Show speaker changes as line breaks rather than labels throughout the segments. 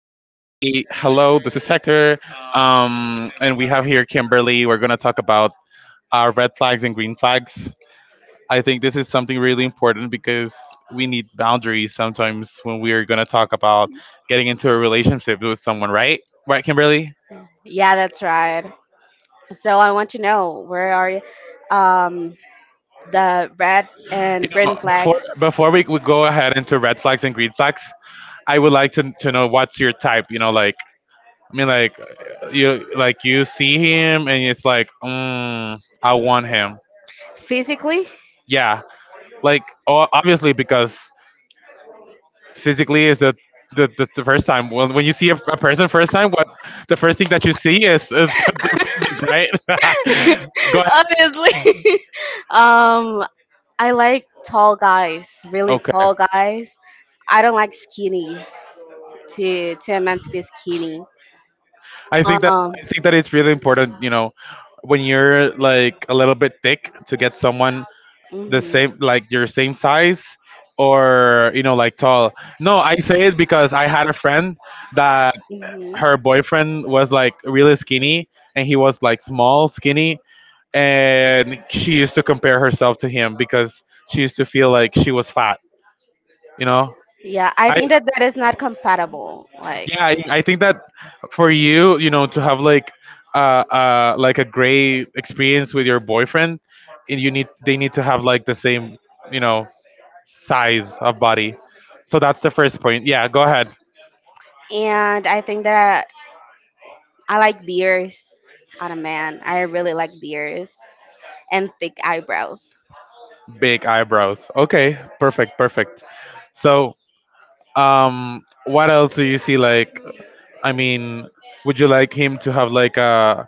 hello. This is Hector, and we have here Kimberly. We're gonna talk about red flags and green flags. I think this is something really important because we need boundaries sometimes when we are gonna talk about getting into a relationship with someone, right? Right, Kimberly.
Yeah, that's right. So I want to know where are um, the red and green
Uh, Before
flags
before we, we go ahead into red flags and green flags, I would like to know what's your type. You know, like I mean, like you like you see him and it's like, I want him.
physically?
Yeah, like obviously because physically is the the first time when you see a person first time, what the first thing that you see is the physique, right? Go ahead.
Obviously. um, I like tall guys, really
Okay.
tall guys. I don't like skinny to a man to be skinny.
I think that
Um,
I think that it's really important, you know, when you're like a little bit thick to get someone the
mhm,
same like your same size or you know like tall. No, I say it because I had a friend that
mhm.
her boyfriend was like really skinny and he was like small skinny, and she used to compare herself to him because she used to feel like she was fat, you know.
Yeah, I
i
think that that is not compatible. Like,
I think that for you, you know, to have like a great experience with your boyfriend, and you need they need to have like the same, you know, size of body. So that's the first point. Yeah, go ahead.
and I think that I like beers on a man. I really like beers and thick eyebrows.
Big eyebrows. Okay, perfect, perfect. So, what else do you see? Like, I mean, would you like him to have like a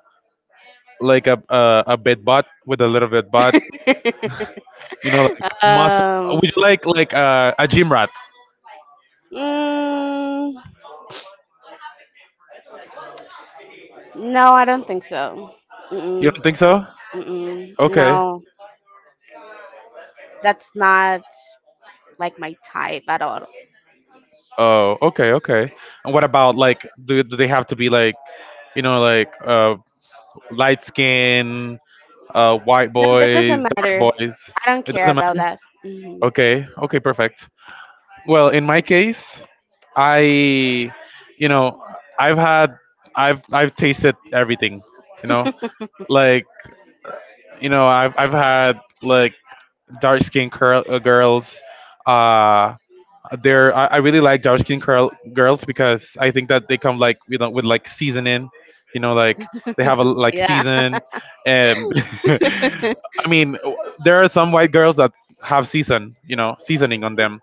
like a bit butt with a little bit butt? You know, like muscle.
Um,
Would you like a gym rat?
mm, no, I don't think so.
You
Mm-mm.
don't think so?
Mm-mm,
Okay.
no, that's not like my type at all.
Oh, okay, okay. And what about like, do do they have to be like, you know, like light skin, white
No, that doesn't
boys, dark
matter.
boys.
I don't
It
care
doesn't
about
matter.
that. Mm-hmm.
Okay, okay, perfect. Well, in my case, I, you know, I've had, I've tasted everything. You know, like, you know, I've had like dark skinned curl, girls. Uh, they're I really like dark skin curl, girls because I think that they come like you know with like seasoning, you know like they have a like
Yeah.
season, and I mean there are some white girls that have season, you know, seasoning on them.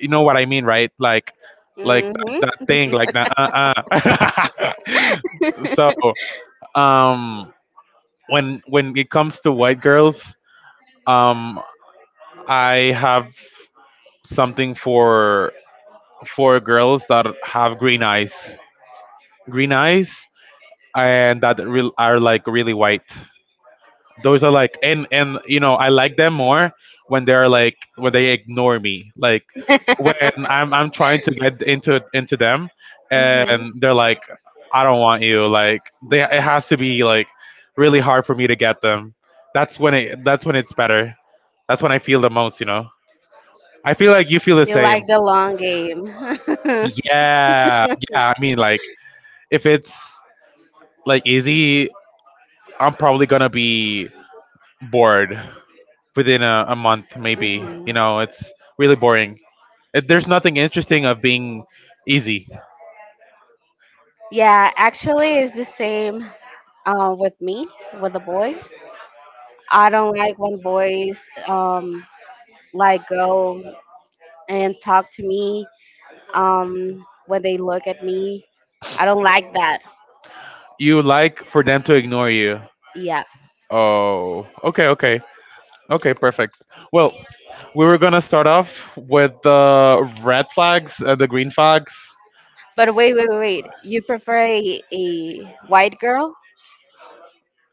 You know what I mean, right? Like
Mhm.
that thing like that. So um, when it comes to white girls, um, I have something for girls that have green eyes, and that real are like really white. Those are like, and you know, I like them more when they're like when they ignore me, like when I'm trying to get into them,
Mhm.
and they're like, I don't want you. Like they, it has to be like really hard for me to get them. That's when it's better. That's when I feel the most. You know, I feel like you feel the
You
same.
like the long game.
Yeah, yeah. I mean, like if it's like easy, I'm probably gonna be bored within a month, maybe.
Mhm.
You know, it's really boring. There's nothing interesting of being easy.
Yeah, actually, it's the same with me with the boys. I don't like when boys um like go and talk to me when they look at me. I don't like that.
You like for them to ignore you.
Yeah.
Oh, okay, okay, okay, perfect. Well, we were gonna start off with the red flags, the green flags,
But wait, wait, wait, wait. You prefer a white girl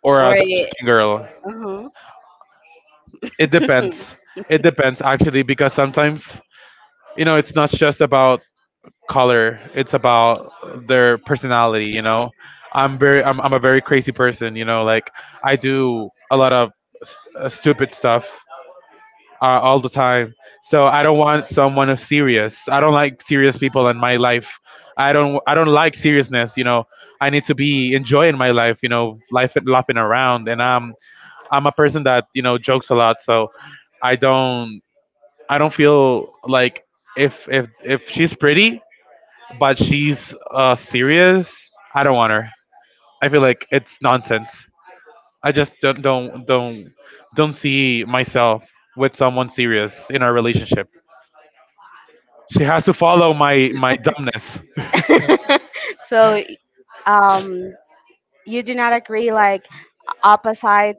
or
or
a
a
dark skin girl.
uh
It depends. It depends actually because sometimes you know it's not just about color. It's about their personality. You know, I'm a very crazy person. You know, like I do a lot of stupid stuff all the time. So I don't want someone who's serious. I don't like serious people in my life. I don't like seriousness. You know, I need to be enjoying my life. You know, life and laughing around. And I'm a person that you know jokes a lot. So I don't I don't feel like if she's pretty but she's serious, I don't want her. I feel like it's nonsense. I just don't see myself with someone serious in our relationship. She has to follow my my dumbness.
So, um you do not agree, like opposite,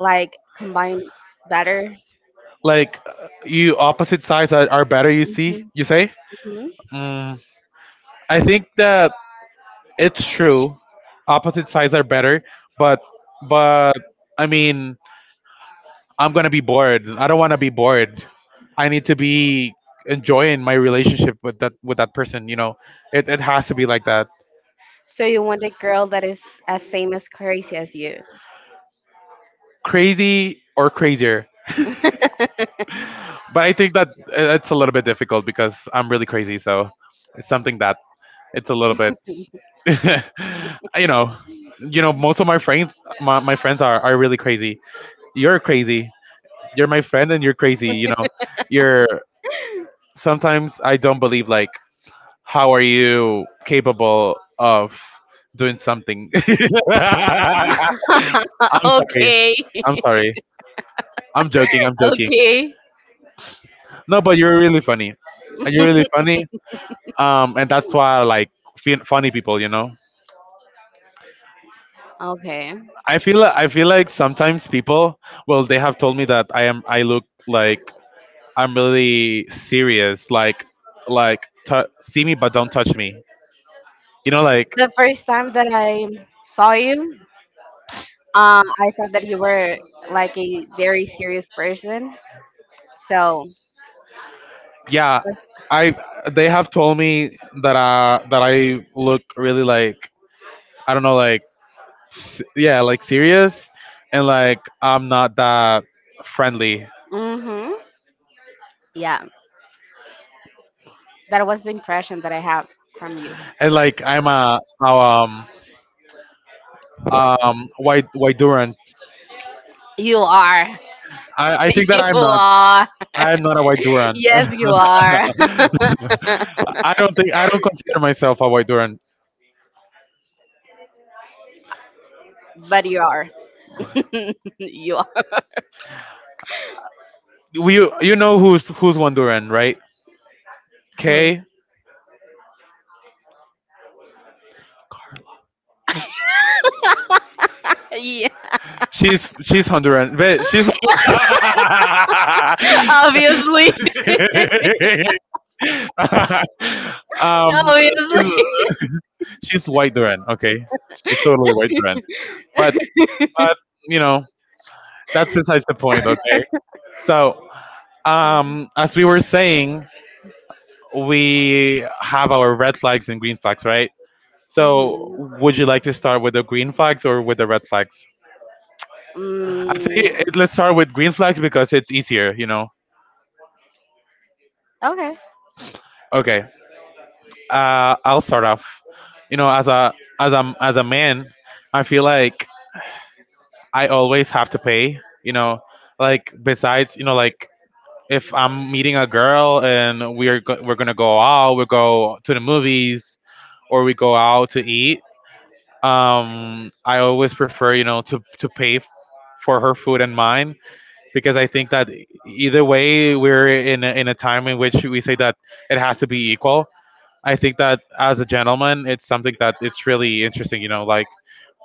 like combine better.
Like you opposite sides are better. You see,
hmm
you say.
hmm
Mm, I think that it's true. Opposite sides are better, but but I mean I'm gonna be bored. I don't want to be bored. I need to be enjoying my relationship with that person. You know, it has to be like that,
So you want a girl that is as same as crazy as you.
crazy or crazier. But I think that it's a little bit difficult because I'm really crazy. So it's something that it's a little bit, you know, you know, most of my friends, my friends are really crazy. You're crazy. You're my friend and you're crazy. You know, you're sometimes I don't believe like how are you capable of doing something? I'm sorry.
Okay,
I'm sorry. I'm joking. I'm joking.
okay,
No, but you're really funny. You're really funny. And that's why I like funny people. You know,
okay.
I feel like sometimes people, well, they have told me that I look like I'm really serious. Like see me but don't touch me. You know, like
The first time that I saw you, I thought that you were like a very serious person. So,
yeah, I they have told me that that I look really like I don't know like yeah like serious, and like I'm not that friendly,
mm-hmm, yeah, that was the impression that I have from you.
and like I'm a, um, white white duran.
You are.
i i
You
think that I'm not,
are.
I'm not a white duran.
Yes, you are.
I don't think, I don't consider myself a white duran.
But you are. You are.
You know who's who's one duran, right? Kay.
Yeah,
She's Honduran, but she's.
obviously.
Um, she's
Obviously.
she's white Duran. Okay, she's totally white Duran. But but you know that's besides the point. Okay, so as we were saying, we have our red flags and green flags, right? So
Mhm.
would you like to start with the green flags or with the red flags? I'd say
Mm,
let's start with green flags because it's easier. You know.
okay.
Okay. Uh, I'll start off. You know, as a as a man, I feel like I always have to pay. You know, like besides, you know, like if I'm meeting a girl and we're we're gonna go out, we go to the movies or we go out to eat. I always prefer, you know, to pay for her food and mine because I think that either way we're in a time in which we say that it has to be equal. I think that as a gentleman, it's something that it's really interesting. You know, like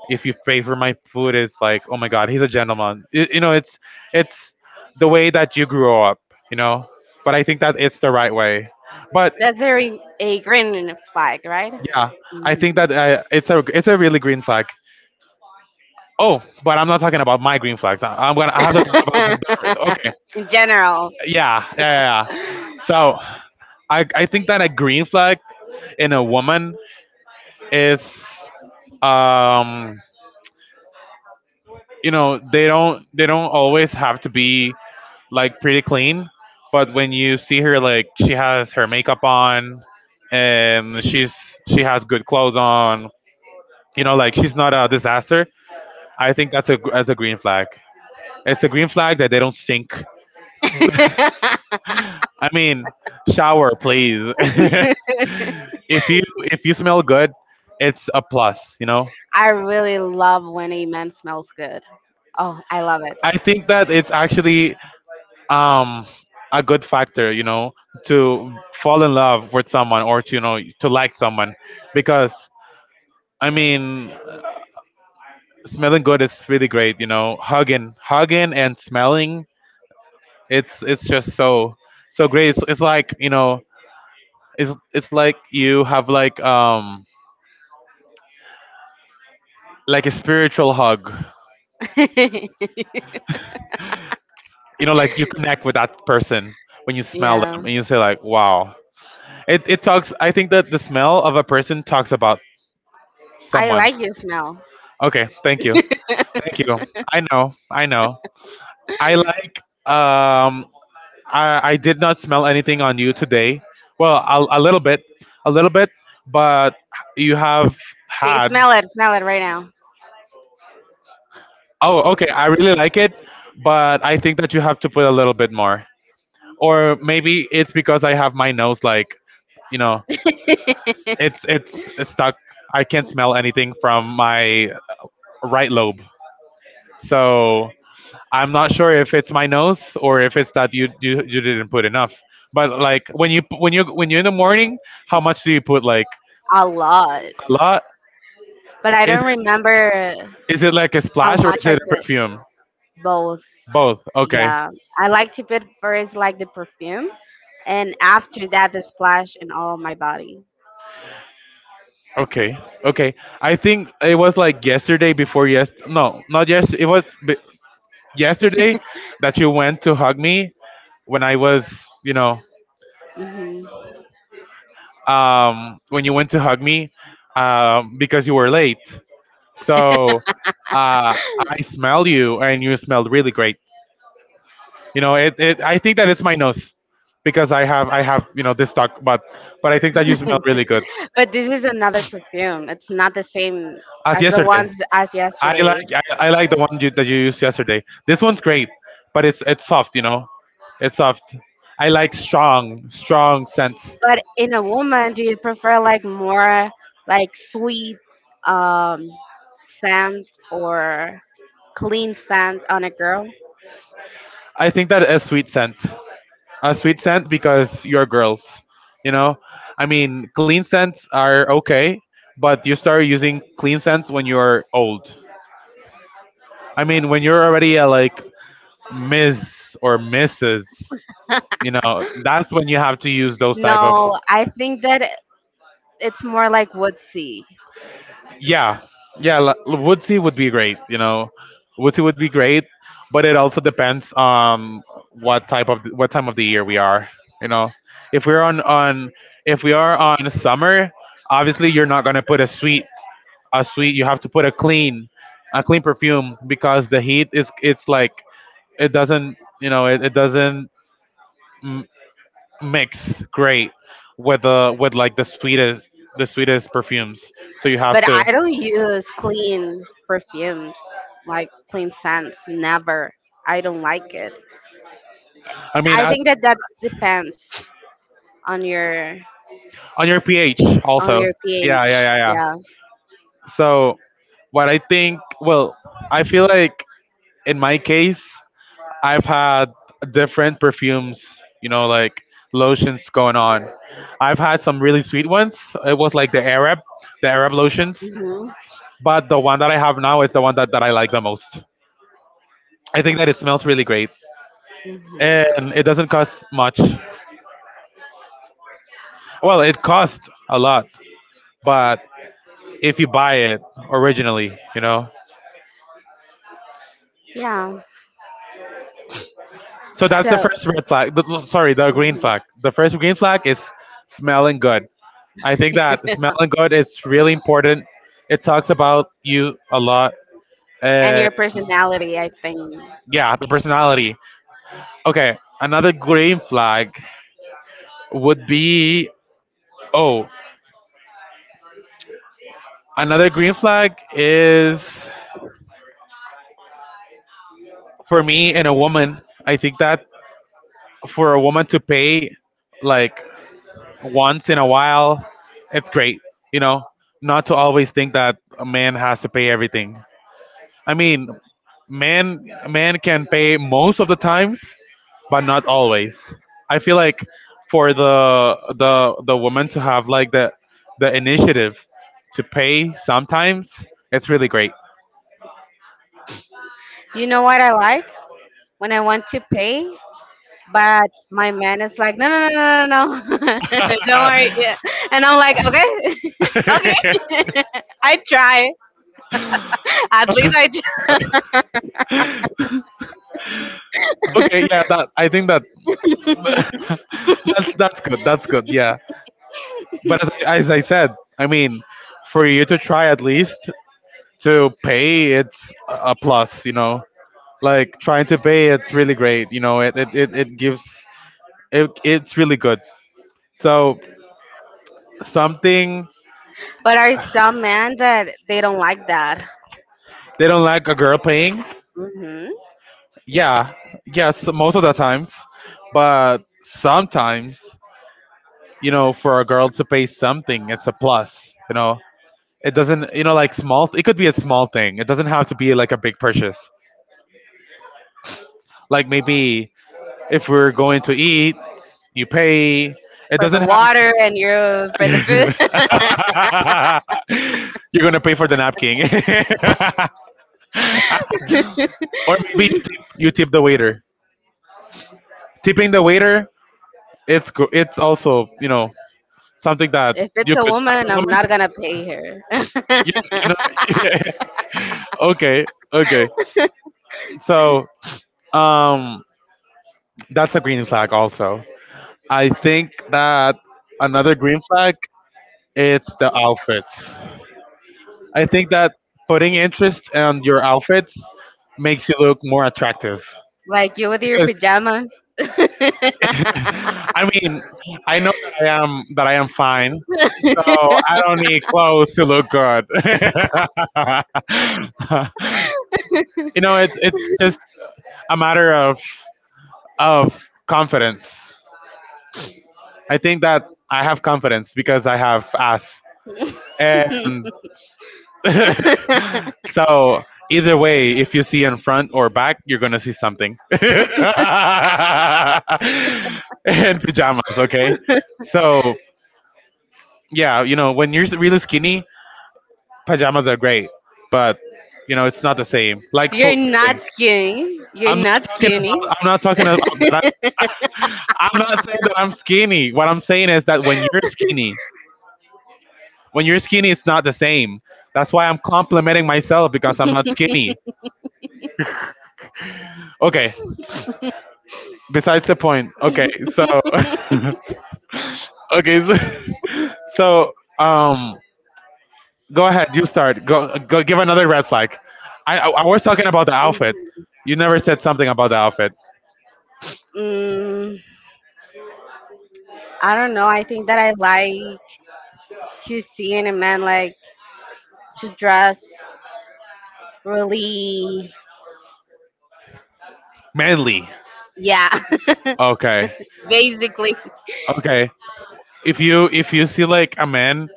if you pay for my food, it's like, oh my god, he's a gentleman. You know, it's the way that you grew up. You know, but I think that it's the right way. But
That's a, re- a green flag, right?
yeah, I
Mhm.
think that it's a really green flag. Oh, but I'm not talking about my green flags. I'm gonna I have to talk about the, okay.
In general.
Yeah. So I think that a green flag in a woman is um, you know they don't always have to be like pretty clean, but when you see her like she has her makeup on and she's she has good clothes on, you know like she's not a disaster. I think that's a green flag. It's a green flag that they don't stink. I mean, shower please. If you if you smell good, it's a plus, you know.
I really love when a man smells good. Oh, I love it.
I think that it's actually um, a good factor, you know, to fall in love with someone, or to you know to like someone, because I mean smelling good is really great, you know, hugging and smelling, it's just so so great. It's like you know, it's like you have like um, like a spiritual hug, you know, like you connect with that person when you smell
Yeah.
them and you say like wow. It talks. I think that the smell of a person talks about
I
someone.
like your smell.
Okay, thank you. Thank you. I know. I know. I like. Um, I did not smell anything on you today. Well, a little bit, but you have
Okay,
had.
smell it right now.
Oh, okay. I really like it, but I think that you have to put a little bit more. Or maybe it's because I have my nose like you know, it's stuck. I can't smell anything from my right lobe. So I'm not sure if it's my nose or if it's that you didn't put enough. But like when you when you when you're in the morning, how much do you put? Like
A lot.
a lot?
But I
Is
don't remember
is it like a
how
splash or is
much I
it a
put.
perfume?
Both.
Both. Okay.
Yeah. I like to put first like the perfume and after that the splash in all my body.
Okay. Okay. I think it was like yesterday before yes. No, not yes. It was b- yesterday that you went to hug me when I was,
Hmm.
when you went to hug me because you were late. So uh, I smell you, and you smelled really great. You know, it, it. I think that it's my nose because I have you know this talk, but I think that you smell really good
But this is another perfume. It's not the same
as
as the
yesterday.
ones as
I like
yesterday.
I like the one that you used yesterday. This one's great, but it's soft. You know, it's soft. I like strong scents.
But in a woman, do you prefer like more like sweet um scent or clean scent on a girl?
I think that a sweet scent. A sweet scent because you're girls. You know, I mean, clean scents are okay, but you start using clean scents when you're old. I mean, when you're already a like Miss or Mrs. You know, that's when you have to use those type of
No, I think that it's more like woodsy.
yeah, yeah, woodsy would be great, you know, woodsy would be great, but it also depends on what time of the year we are, you know, if we're on if we are on summer, obviously you're not going to put a sweet, you have to put a clean, a clean perfume because the heat is it's like it doesn't, you know, it doesn't m- mix great with the with like the sweetest, the sweetest perfumes, so you have
But
to
I don't use clean perfumes, like clean scents, never. I don't like it.
I mean
I
as
think that that depends on your
on your pH
on
also.
your
Yeah,
pH.
yeah, yeah, yeah.
Yeah.
So what I think, well, I feel like in my case, I've had different perfumes, you know, like lotions going on. I've had some really sweet ones. It was like the Arab lotions.
Mhm.
But the one that I have now is the one that I like the most. I think that it smells really great.
Mhm.
And it doesn't cost much. Well, it costs a lot, but if you buy it originally, you know.
Yeah.
So that's the
So.
first red flag. The, sorry, the green
Mhm.
flag. The first green flag is smelling good. I think that smelling good is really important. It talks about you a lot.
And
Uh,
your personality, I think.
yeah, the personality. Okay, another green flag would be oh, another green flag is for me and a woman. I think that for a woman to pay like once in a while, it's great. You know, not to always think that a man has to pay everything. I mean, man can pay most of the times, but not always. I feel like for the woman to have like the initiative to pay sometimes, it's really great.
You know what I like when I want to pay, but my man is like, no, no, no, no, no, no. Don't worry. Yeah. And I'm like, okay, okay. I try. At least I.
Okay, yeah, that I think that that's good. That's good. Yeah, but as I said, I mean, for you to try at least to pay, it's a plus, you know, like trying to pay, it's really great, you know, it gives it's really good so something
But are some men that they don't like that?
they don't like a girl paying,
Hmm.
yeah, yes, most of the times, but sometimes, you know, for a girl to pay something, it's a plus, you know, it doesn't, you know, like small, it could be a small thing, it doesn't have to be like a big purchase, like maybe if we're going to eat, you pay, it
For the
doesn't
water and you for the food.
have. You're gonna pay for the napkin, or maybe you tip the waiter. Tipping the waiter, it's also, you know, something that
If it's
you
a
could. As
woman,
a
I'm not
woman,
gonna pay her.
you- okay, okay. So um, that's a green flag. Also, I think that another green flag, it's the outfits. I think that putting interest on your outfits makes you look more attractive.
Like you with your pajamas.
I mean, I know I am that I am fine, so I don't need clothes to look good. You know, it's just a matter of confidence. I think that I have confidence because I have ass, and so either way, if you see in front or back, you're gonna see something. And pajamas, okay? So yeah, you know, when you're really skinny, pajamas are great, but you know it's not the same. Like
You're
fulfilling.
not skinny. You're
I'm not
not skinny.
I'm not talking about that. I'm not saying that I'm skinny. What I'm saying is that when you're skinny, it's not the same. That's why I'm complimenting myself because I'm not skinny. Okay. Besides the point. Okay. So. Okay. So, so um, go ahead. You start. Go. Give another red flag. I was talking about the outfit. You never said something about the outfit.
Mm, I don't know. I think that I like to see in a man like to dress really.
Manly.
Yeah,
Okay.
basically.
Okay. If you see like a man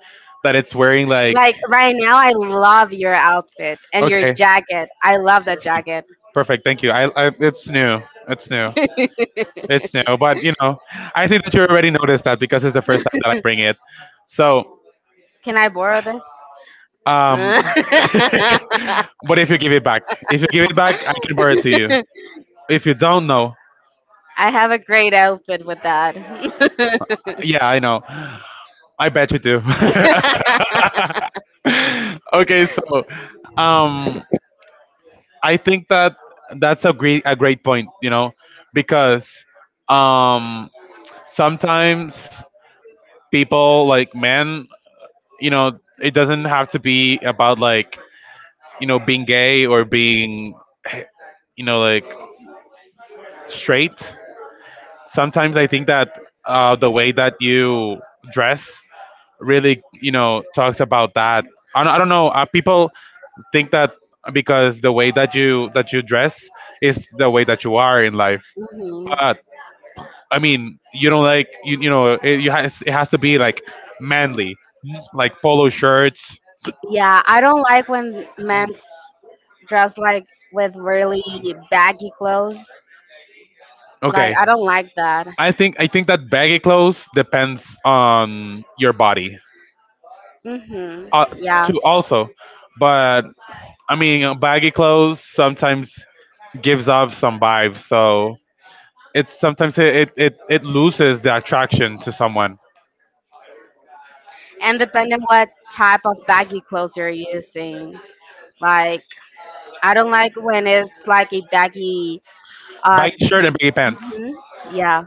that it's wearing
Like
like
right now, I love your outfit and your
Okay.
jacket. I love that jacket.
Perfect. Thank you. I it's new. It's new. It's new. But you know, I think that you already noticed that because it's the first time that I bring it. So
Can I borrow this?
um but if you give it back. If you give it back, I can borrow it to you.
I
If you don't know,
have a great outfit with that.
yeah, I know. I bet you do. Okay, so um I think that that's a great point, you know, because um, sometimes people like men, you know, it doesn't have to be about like you know being gay or being you know like straight. Sometimes I think that the way that you dress really you know talks about that. I don't know. People think that because the way that you dress is the way that you are in life.
Mhm.
I mean, you don't like you know, you has it has to be like manly, like polo shirts.
Yeah, I don't like when men dress like with really baggy clothes. Like
Okay,
I don't like that.
I think that baggy clothes depends on your body,
Mhm.
uh,
Yeah.
too also, but I mean, baggy clothes sometimes gives off some vibes, so it's sometimes it loses the attraction to someone.
And depending what type of baggy clothes you're using. Like I don't like when it's like a baggy
Baggy shirt
t-
and baggy pants.
Mhm. Yeah.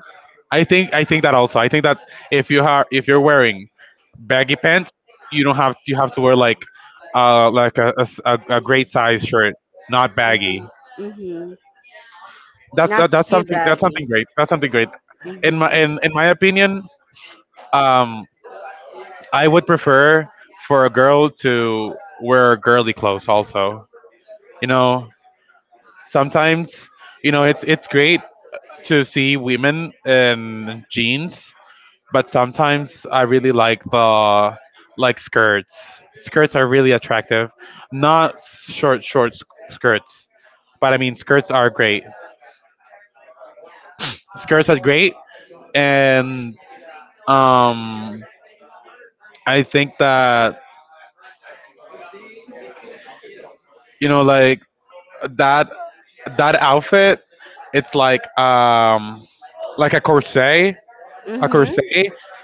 I think that also. I think that if you are if you're wearing baggy pants, you don't have you have to wear like a great size shirt, not baggy.
Mhm. Mhm. Not too
That's something
baggy.
great. That's something great. In
Mhm.
in my opinion, um, I would prefer for a girl to wear girly clothes. Also, you know, sometimes you know it's great to see women in jeans, but sometimes I really like the like skirts. Skirts are really attractive. Not short skirts, but I mean skirts are great. Skirts are great and um I think that you know like that that outfit it's like a
Mhm.
corset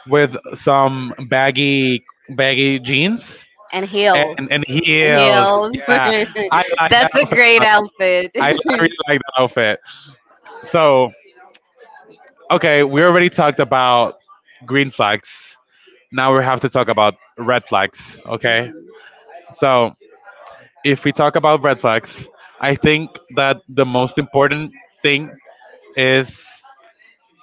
with some baggy jeans
And heels.
and
And
heels.
heels.
Yeah, I like that
That's a
outfit. A
great
lot.
outfit.
I really like that outfit. So, okay, we already talked about green flags. Now we have to talk about red flags. Okay, so if we talk about red flags, I think that the most important thing is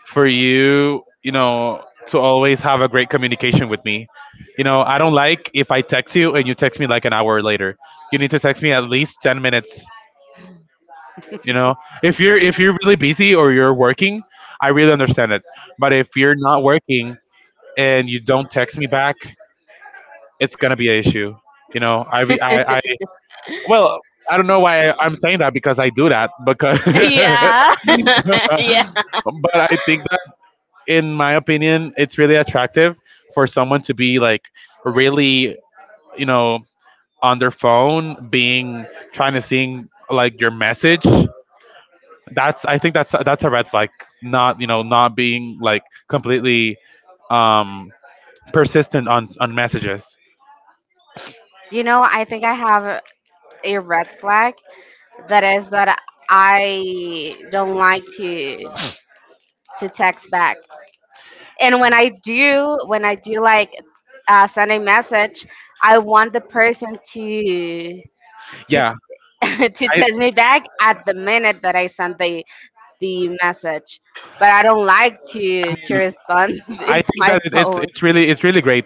for you, you know, to always have a great communication with me. You know, I don't like if I text you and you text me like an hour later. You need to text me at least 10 minutes. You know, if you're really busy or you're working, I really understand it. But if you're not working and you don't text me back, it's gonna be an issue. You know, I well, I don't know why I'm saying that because I do that because.
Yeah. Yeah.
But I think that, in my opinion, it's really attractive for someone to be like really, you know, on their phone, being trying to seeing like your message, that's I think that's a red flag. Not you know not being like completely um, persistent on messages.
You know, I think I have a red flag that is that I don't like to text back. And when I do like, send a message, I want the person to
Yeah,
to
I
text me back at the minute that I send the message. But I don't like to respond with
think
my
that it's
phone.
it's really it's really great.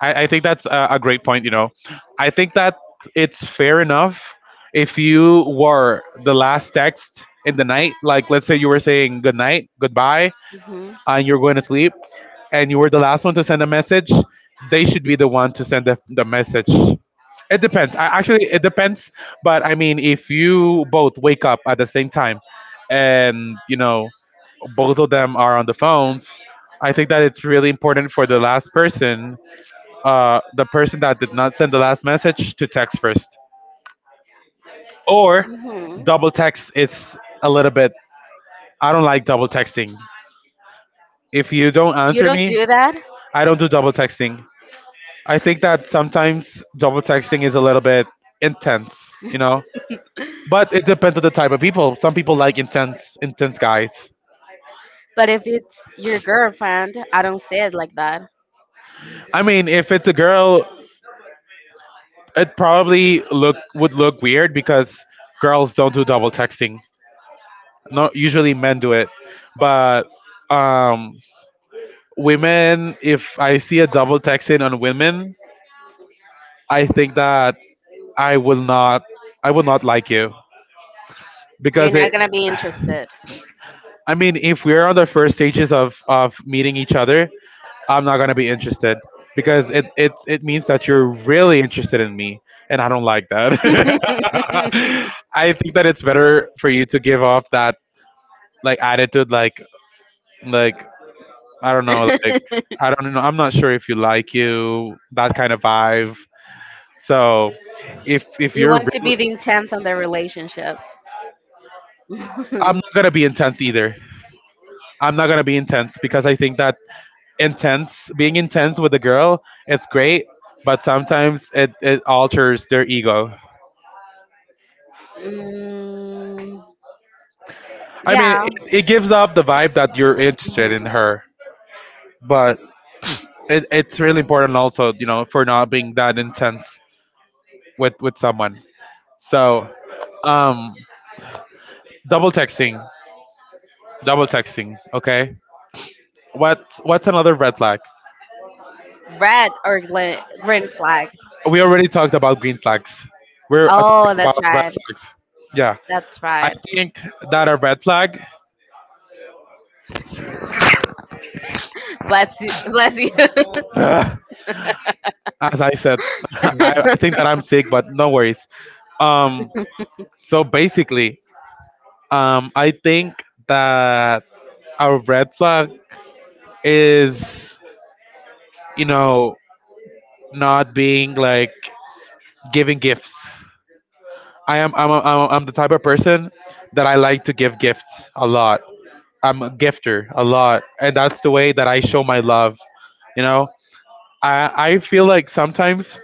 I think that's a great point. You know, I think that it's fair enough if you were the last text in the night. Like let's say you were saying good night, goodbye,
Hmm.
and you're going to sleep, and you were the last one to send a message. They should be the one to send the message. It depends. I actually it depends, but I mean, if you both wake up at the same time, and you know both of them are on the phones, I think that it's really important for the last person, the person that did not send the last message, to text first. Or double text. It's a little bit. I don't like double texting. If you don't
You
answer
don't
me,
do that,
I don't do double texting. I think that sometimes double texting is a little bit intense. You know, but it depends on the type of people. Some people like intense guys.
but if it's your girlfriend, I don't say it like that.
I mean, if it's a girl, it probably look would look weird because girls don't do double texting. Not usually men do it, but um, women. If I see a double texting on women, I think that I will not, I will not like you
You're
because
not
it.
gonna be interested.
I mean, if we're on the first stages of meeting each other, I'm not gonna be interested because it means that you're really interested in me, and I don't like that. I think that it's better for you to give off that like attitude, like I don't know, like I don't know, I'm not sure if you like you that kind of vibe. So if
You
you're
want to be
really,
the intense on the relationship.
I'm
mm,
not gonna be intense either. I'm not gonna be intense because I think that intense being intense with a girl it's great, but sometimes it alters their ego. I mean
yeah.
it gives up the vibe that you're interested in
Mhm.
her, but it's really important also, you know, for not being that intense with someone. So um double texting, double texting, okay. What what's another red flag?
Red or gla- green flag.
We already talked about green flags. We're
Oh,
talking about
that's
red
right.
flags. Yeah,
That's
I
right.
think that a red flag.
Bless you. Bless you.
As I said, I think that I'm sick, but no worries. Um, so basically, I think that our red flag is, you know, not being like giving gifts. I am I'm, a, I'm, a, I'm the type of person that I like to give gifts a lot. I'm a gifter a lot, and that's the way that I show my love. You know, I feel like sometimes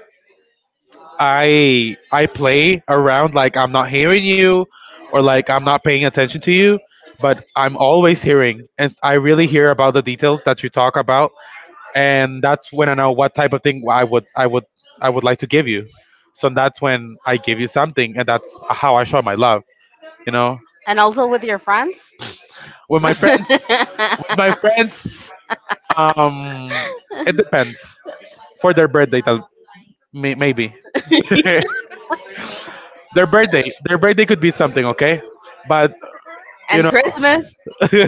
I play around like I'm not hearing you or like I'm not paying attention to you, but I'm always hearing and I really hear about the details that you talk about, and that's when I know what type of thing I would like to give you. So that's when I give you something, and that's how I show my love, you know.
And also with your friends.
With my friends, with my friends, um it depends. For their maybe. Their birthday, their birthday could be something, okay? But you
And
know,
Christmas.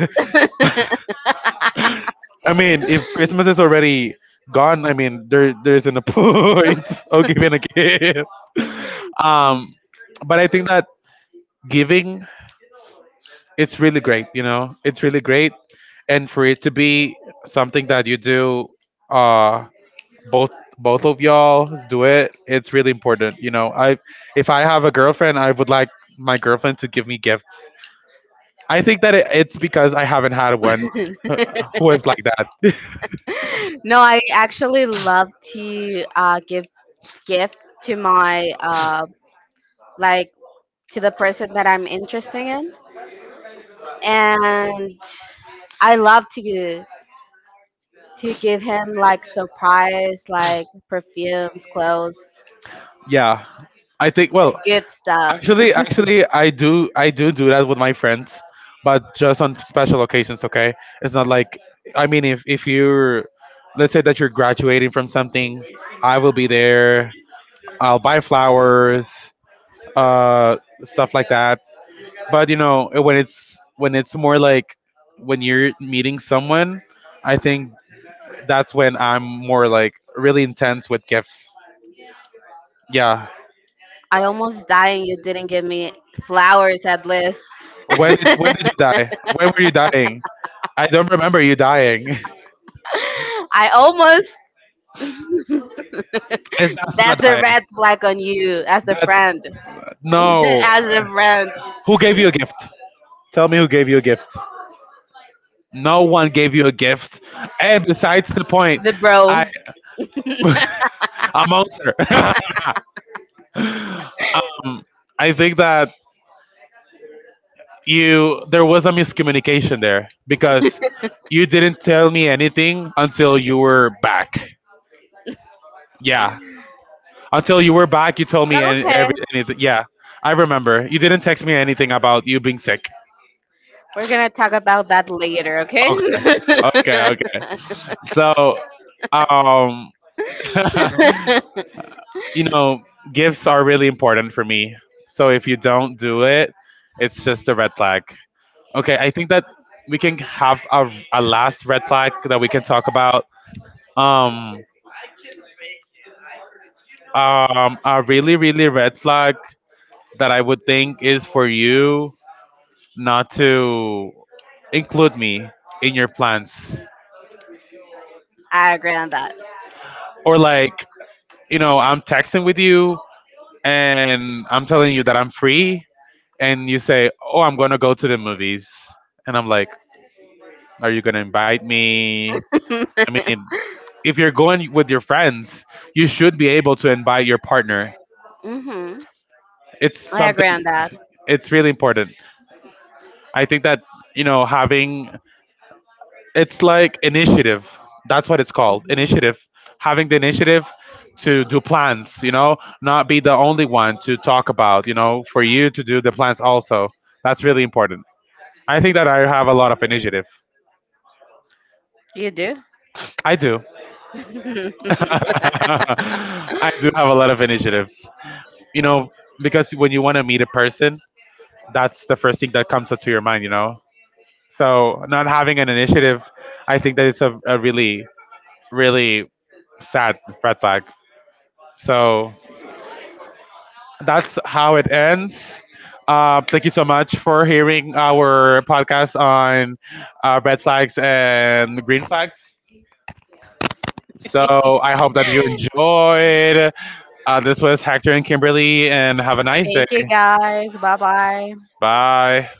I mean if christmas is already gone, I mean there isn't a point of giving a gift. um but I think that giving, it's really great, you know, it's really great. And for it to be something that you do, uh both both of y'all do it, it's really important, you know. I If I have a girlfriend, I would like my girlfriend to give me gifts. I think that it's because I haven't had one who is like that.
No, I actually love to give gift to my like to the person that I'm interested in, and I love to give him like surprise, like perfumes, clothes,
Yeah, I
the
think, well,
good stuff.
actually I do do that with my friends, but just on special occasions, okay. It's not like, I mean, if you're, let's say that you're graduating from something, I will be there, I'll buy flowers, uh stuff like that. But you know, when it's more like when you're meeting someone, I think that's when I'm more like really intense with gifts. Yeah.
I almost dying you didn't give me flowers at least.
When did you die? When were you dying? I don't remember you dying.
I almost.
It's That's not
That's a
dying.
red flag on you as a
That's,
friend.
no.
As a friend.
Who gave you a gift? Tell me who gave you a gift. No one gave you a gift. And besides the point,
The bro.
I a monster. um, I think that you there was a miscommunication there because you didn't tell me anything until you were back. Yeah, until you were back, you told me and
Okay.
every anything. Yeah, I remember. You didn't text me anything about you being sick.
We're going to talk about that later, okay?
Okay, okay, okay. So, um, you know, gifts are really important for me. So if you don't do it, it's just a red flag. Okay, I think that we can have a last red flag that we can talk about. Um, a really, really red flag that I would think is for you not to include me in your plans,
I agree on that.
or like, you know, I'm texting with you and I'm telling you that I'm free, and you say, "Oh, I'm gonna go to the movies," and I'm like, "Are you gonna invite me?" I mean, if you're going with your friends, you should be able to invite your partner.
Hmm.
It's
I
something.
agree on that.
It's really important. I think that, you know, having, it's like initiative. That's what it's called,
Hmm.
initiative. Having the initiative to do plans, you know, not be the only one to talk about, you know, for you to do the plans also. That's really important. I think that I have a lot of initiative.
You do?
I do.
Thank
I do have a lot of initiative. You know, because when you want to meet a person, that's the first thing that comes up to your mind, you know? So, not having an initiative, I think that it's a really, really sad red flag. So, that's how it ends. Thank you so much for hearing our podcast on red flags and green flags. So, I hope that you enjoyed. This was Hector and Kimberly, and have a nice day.
you guys. Bye bye.
Bye.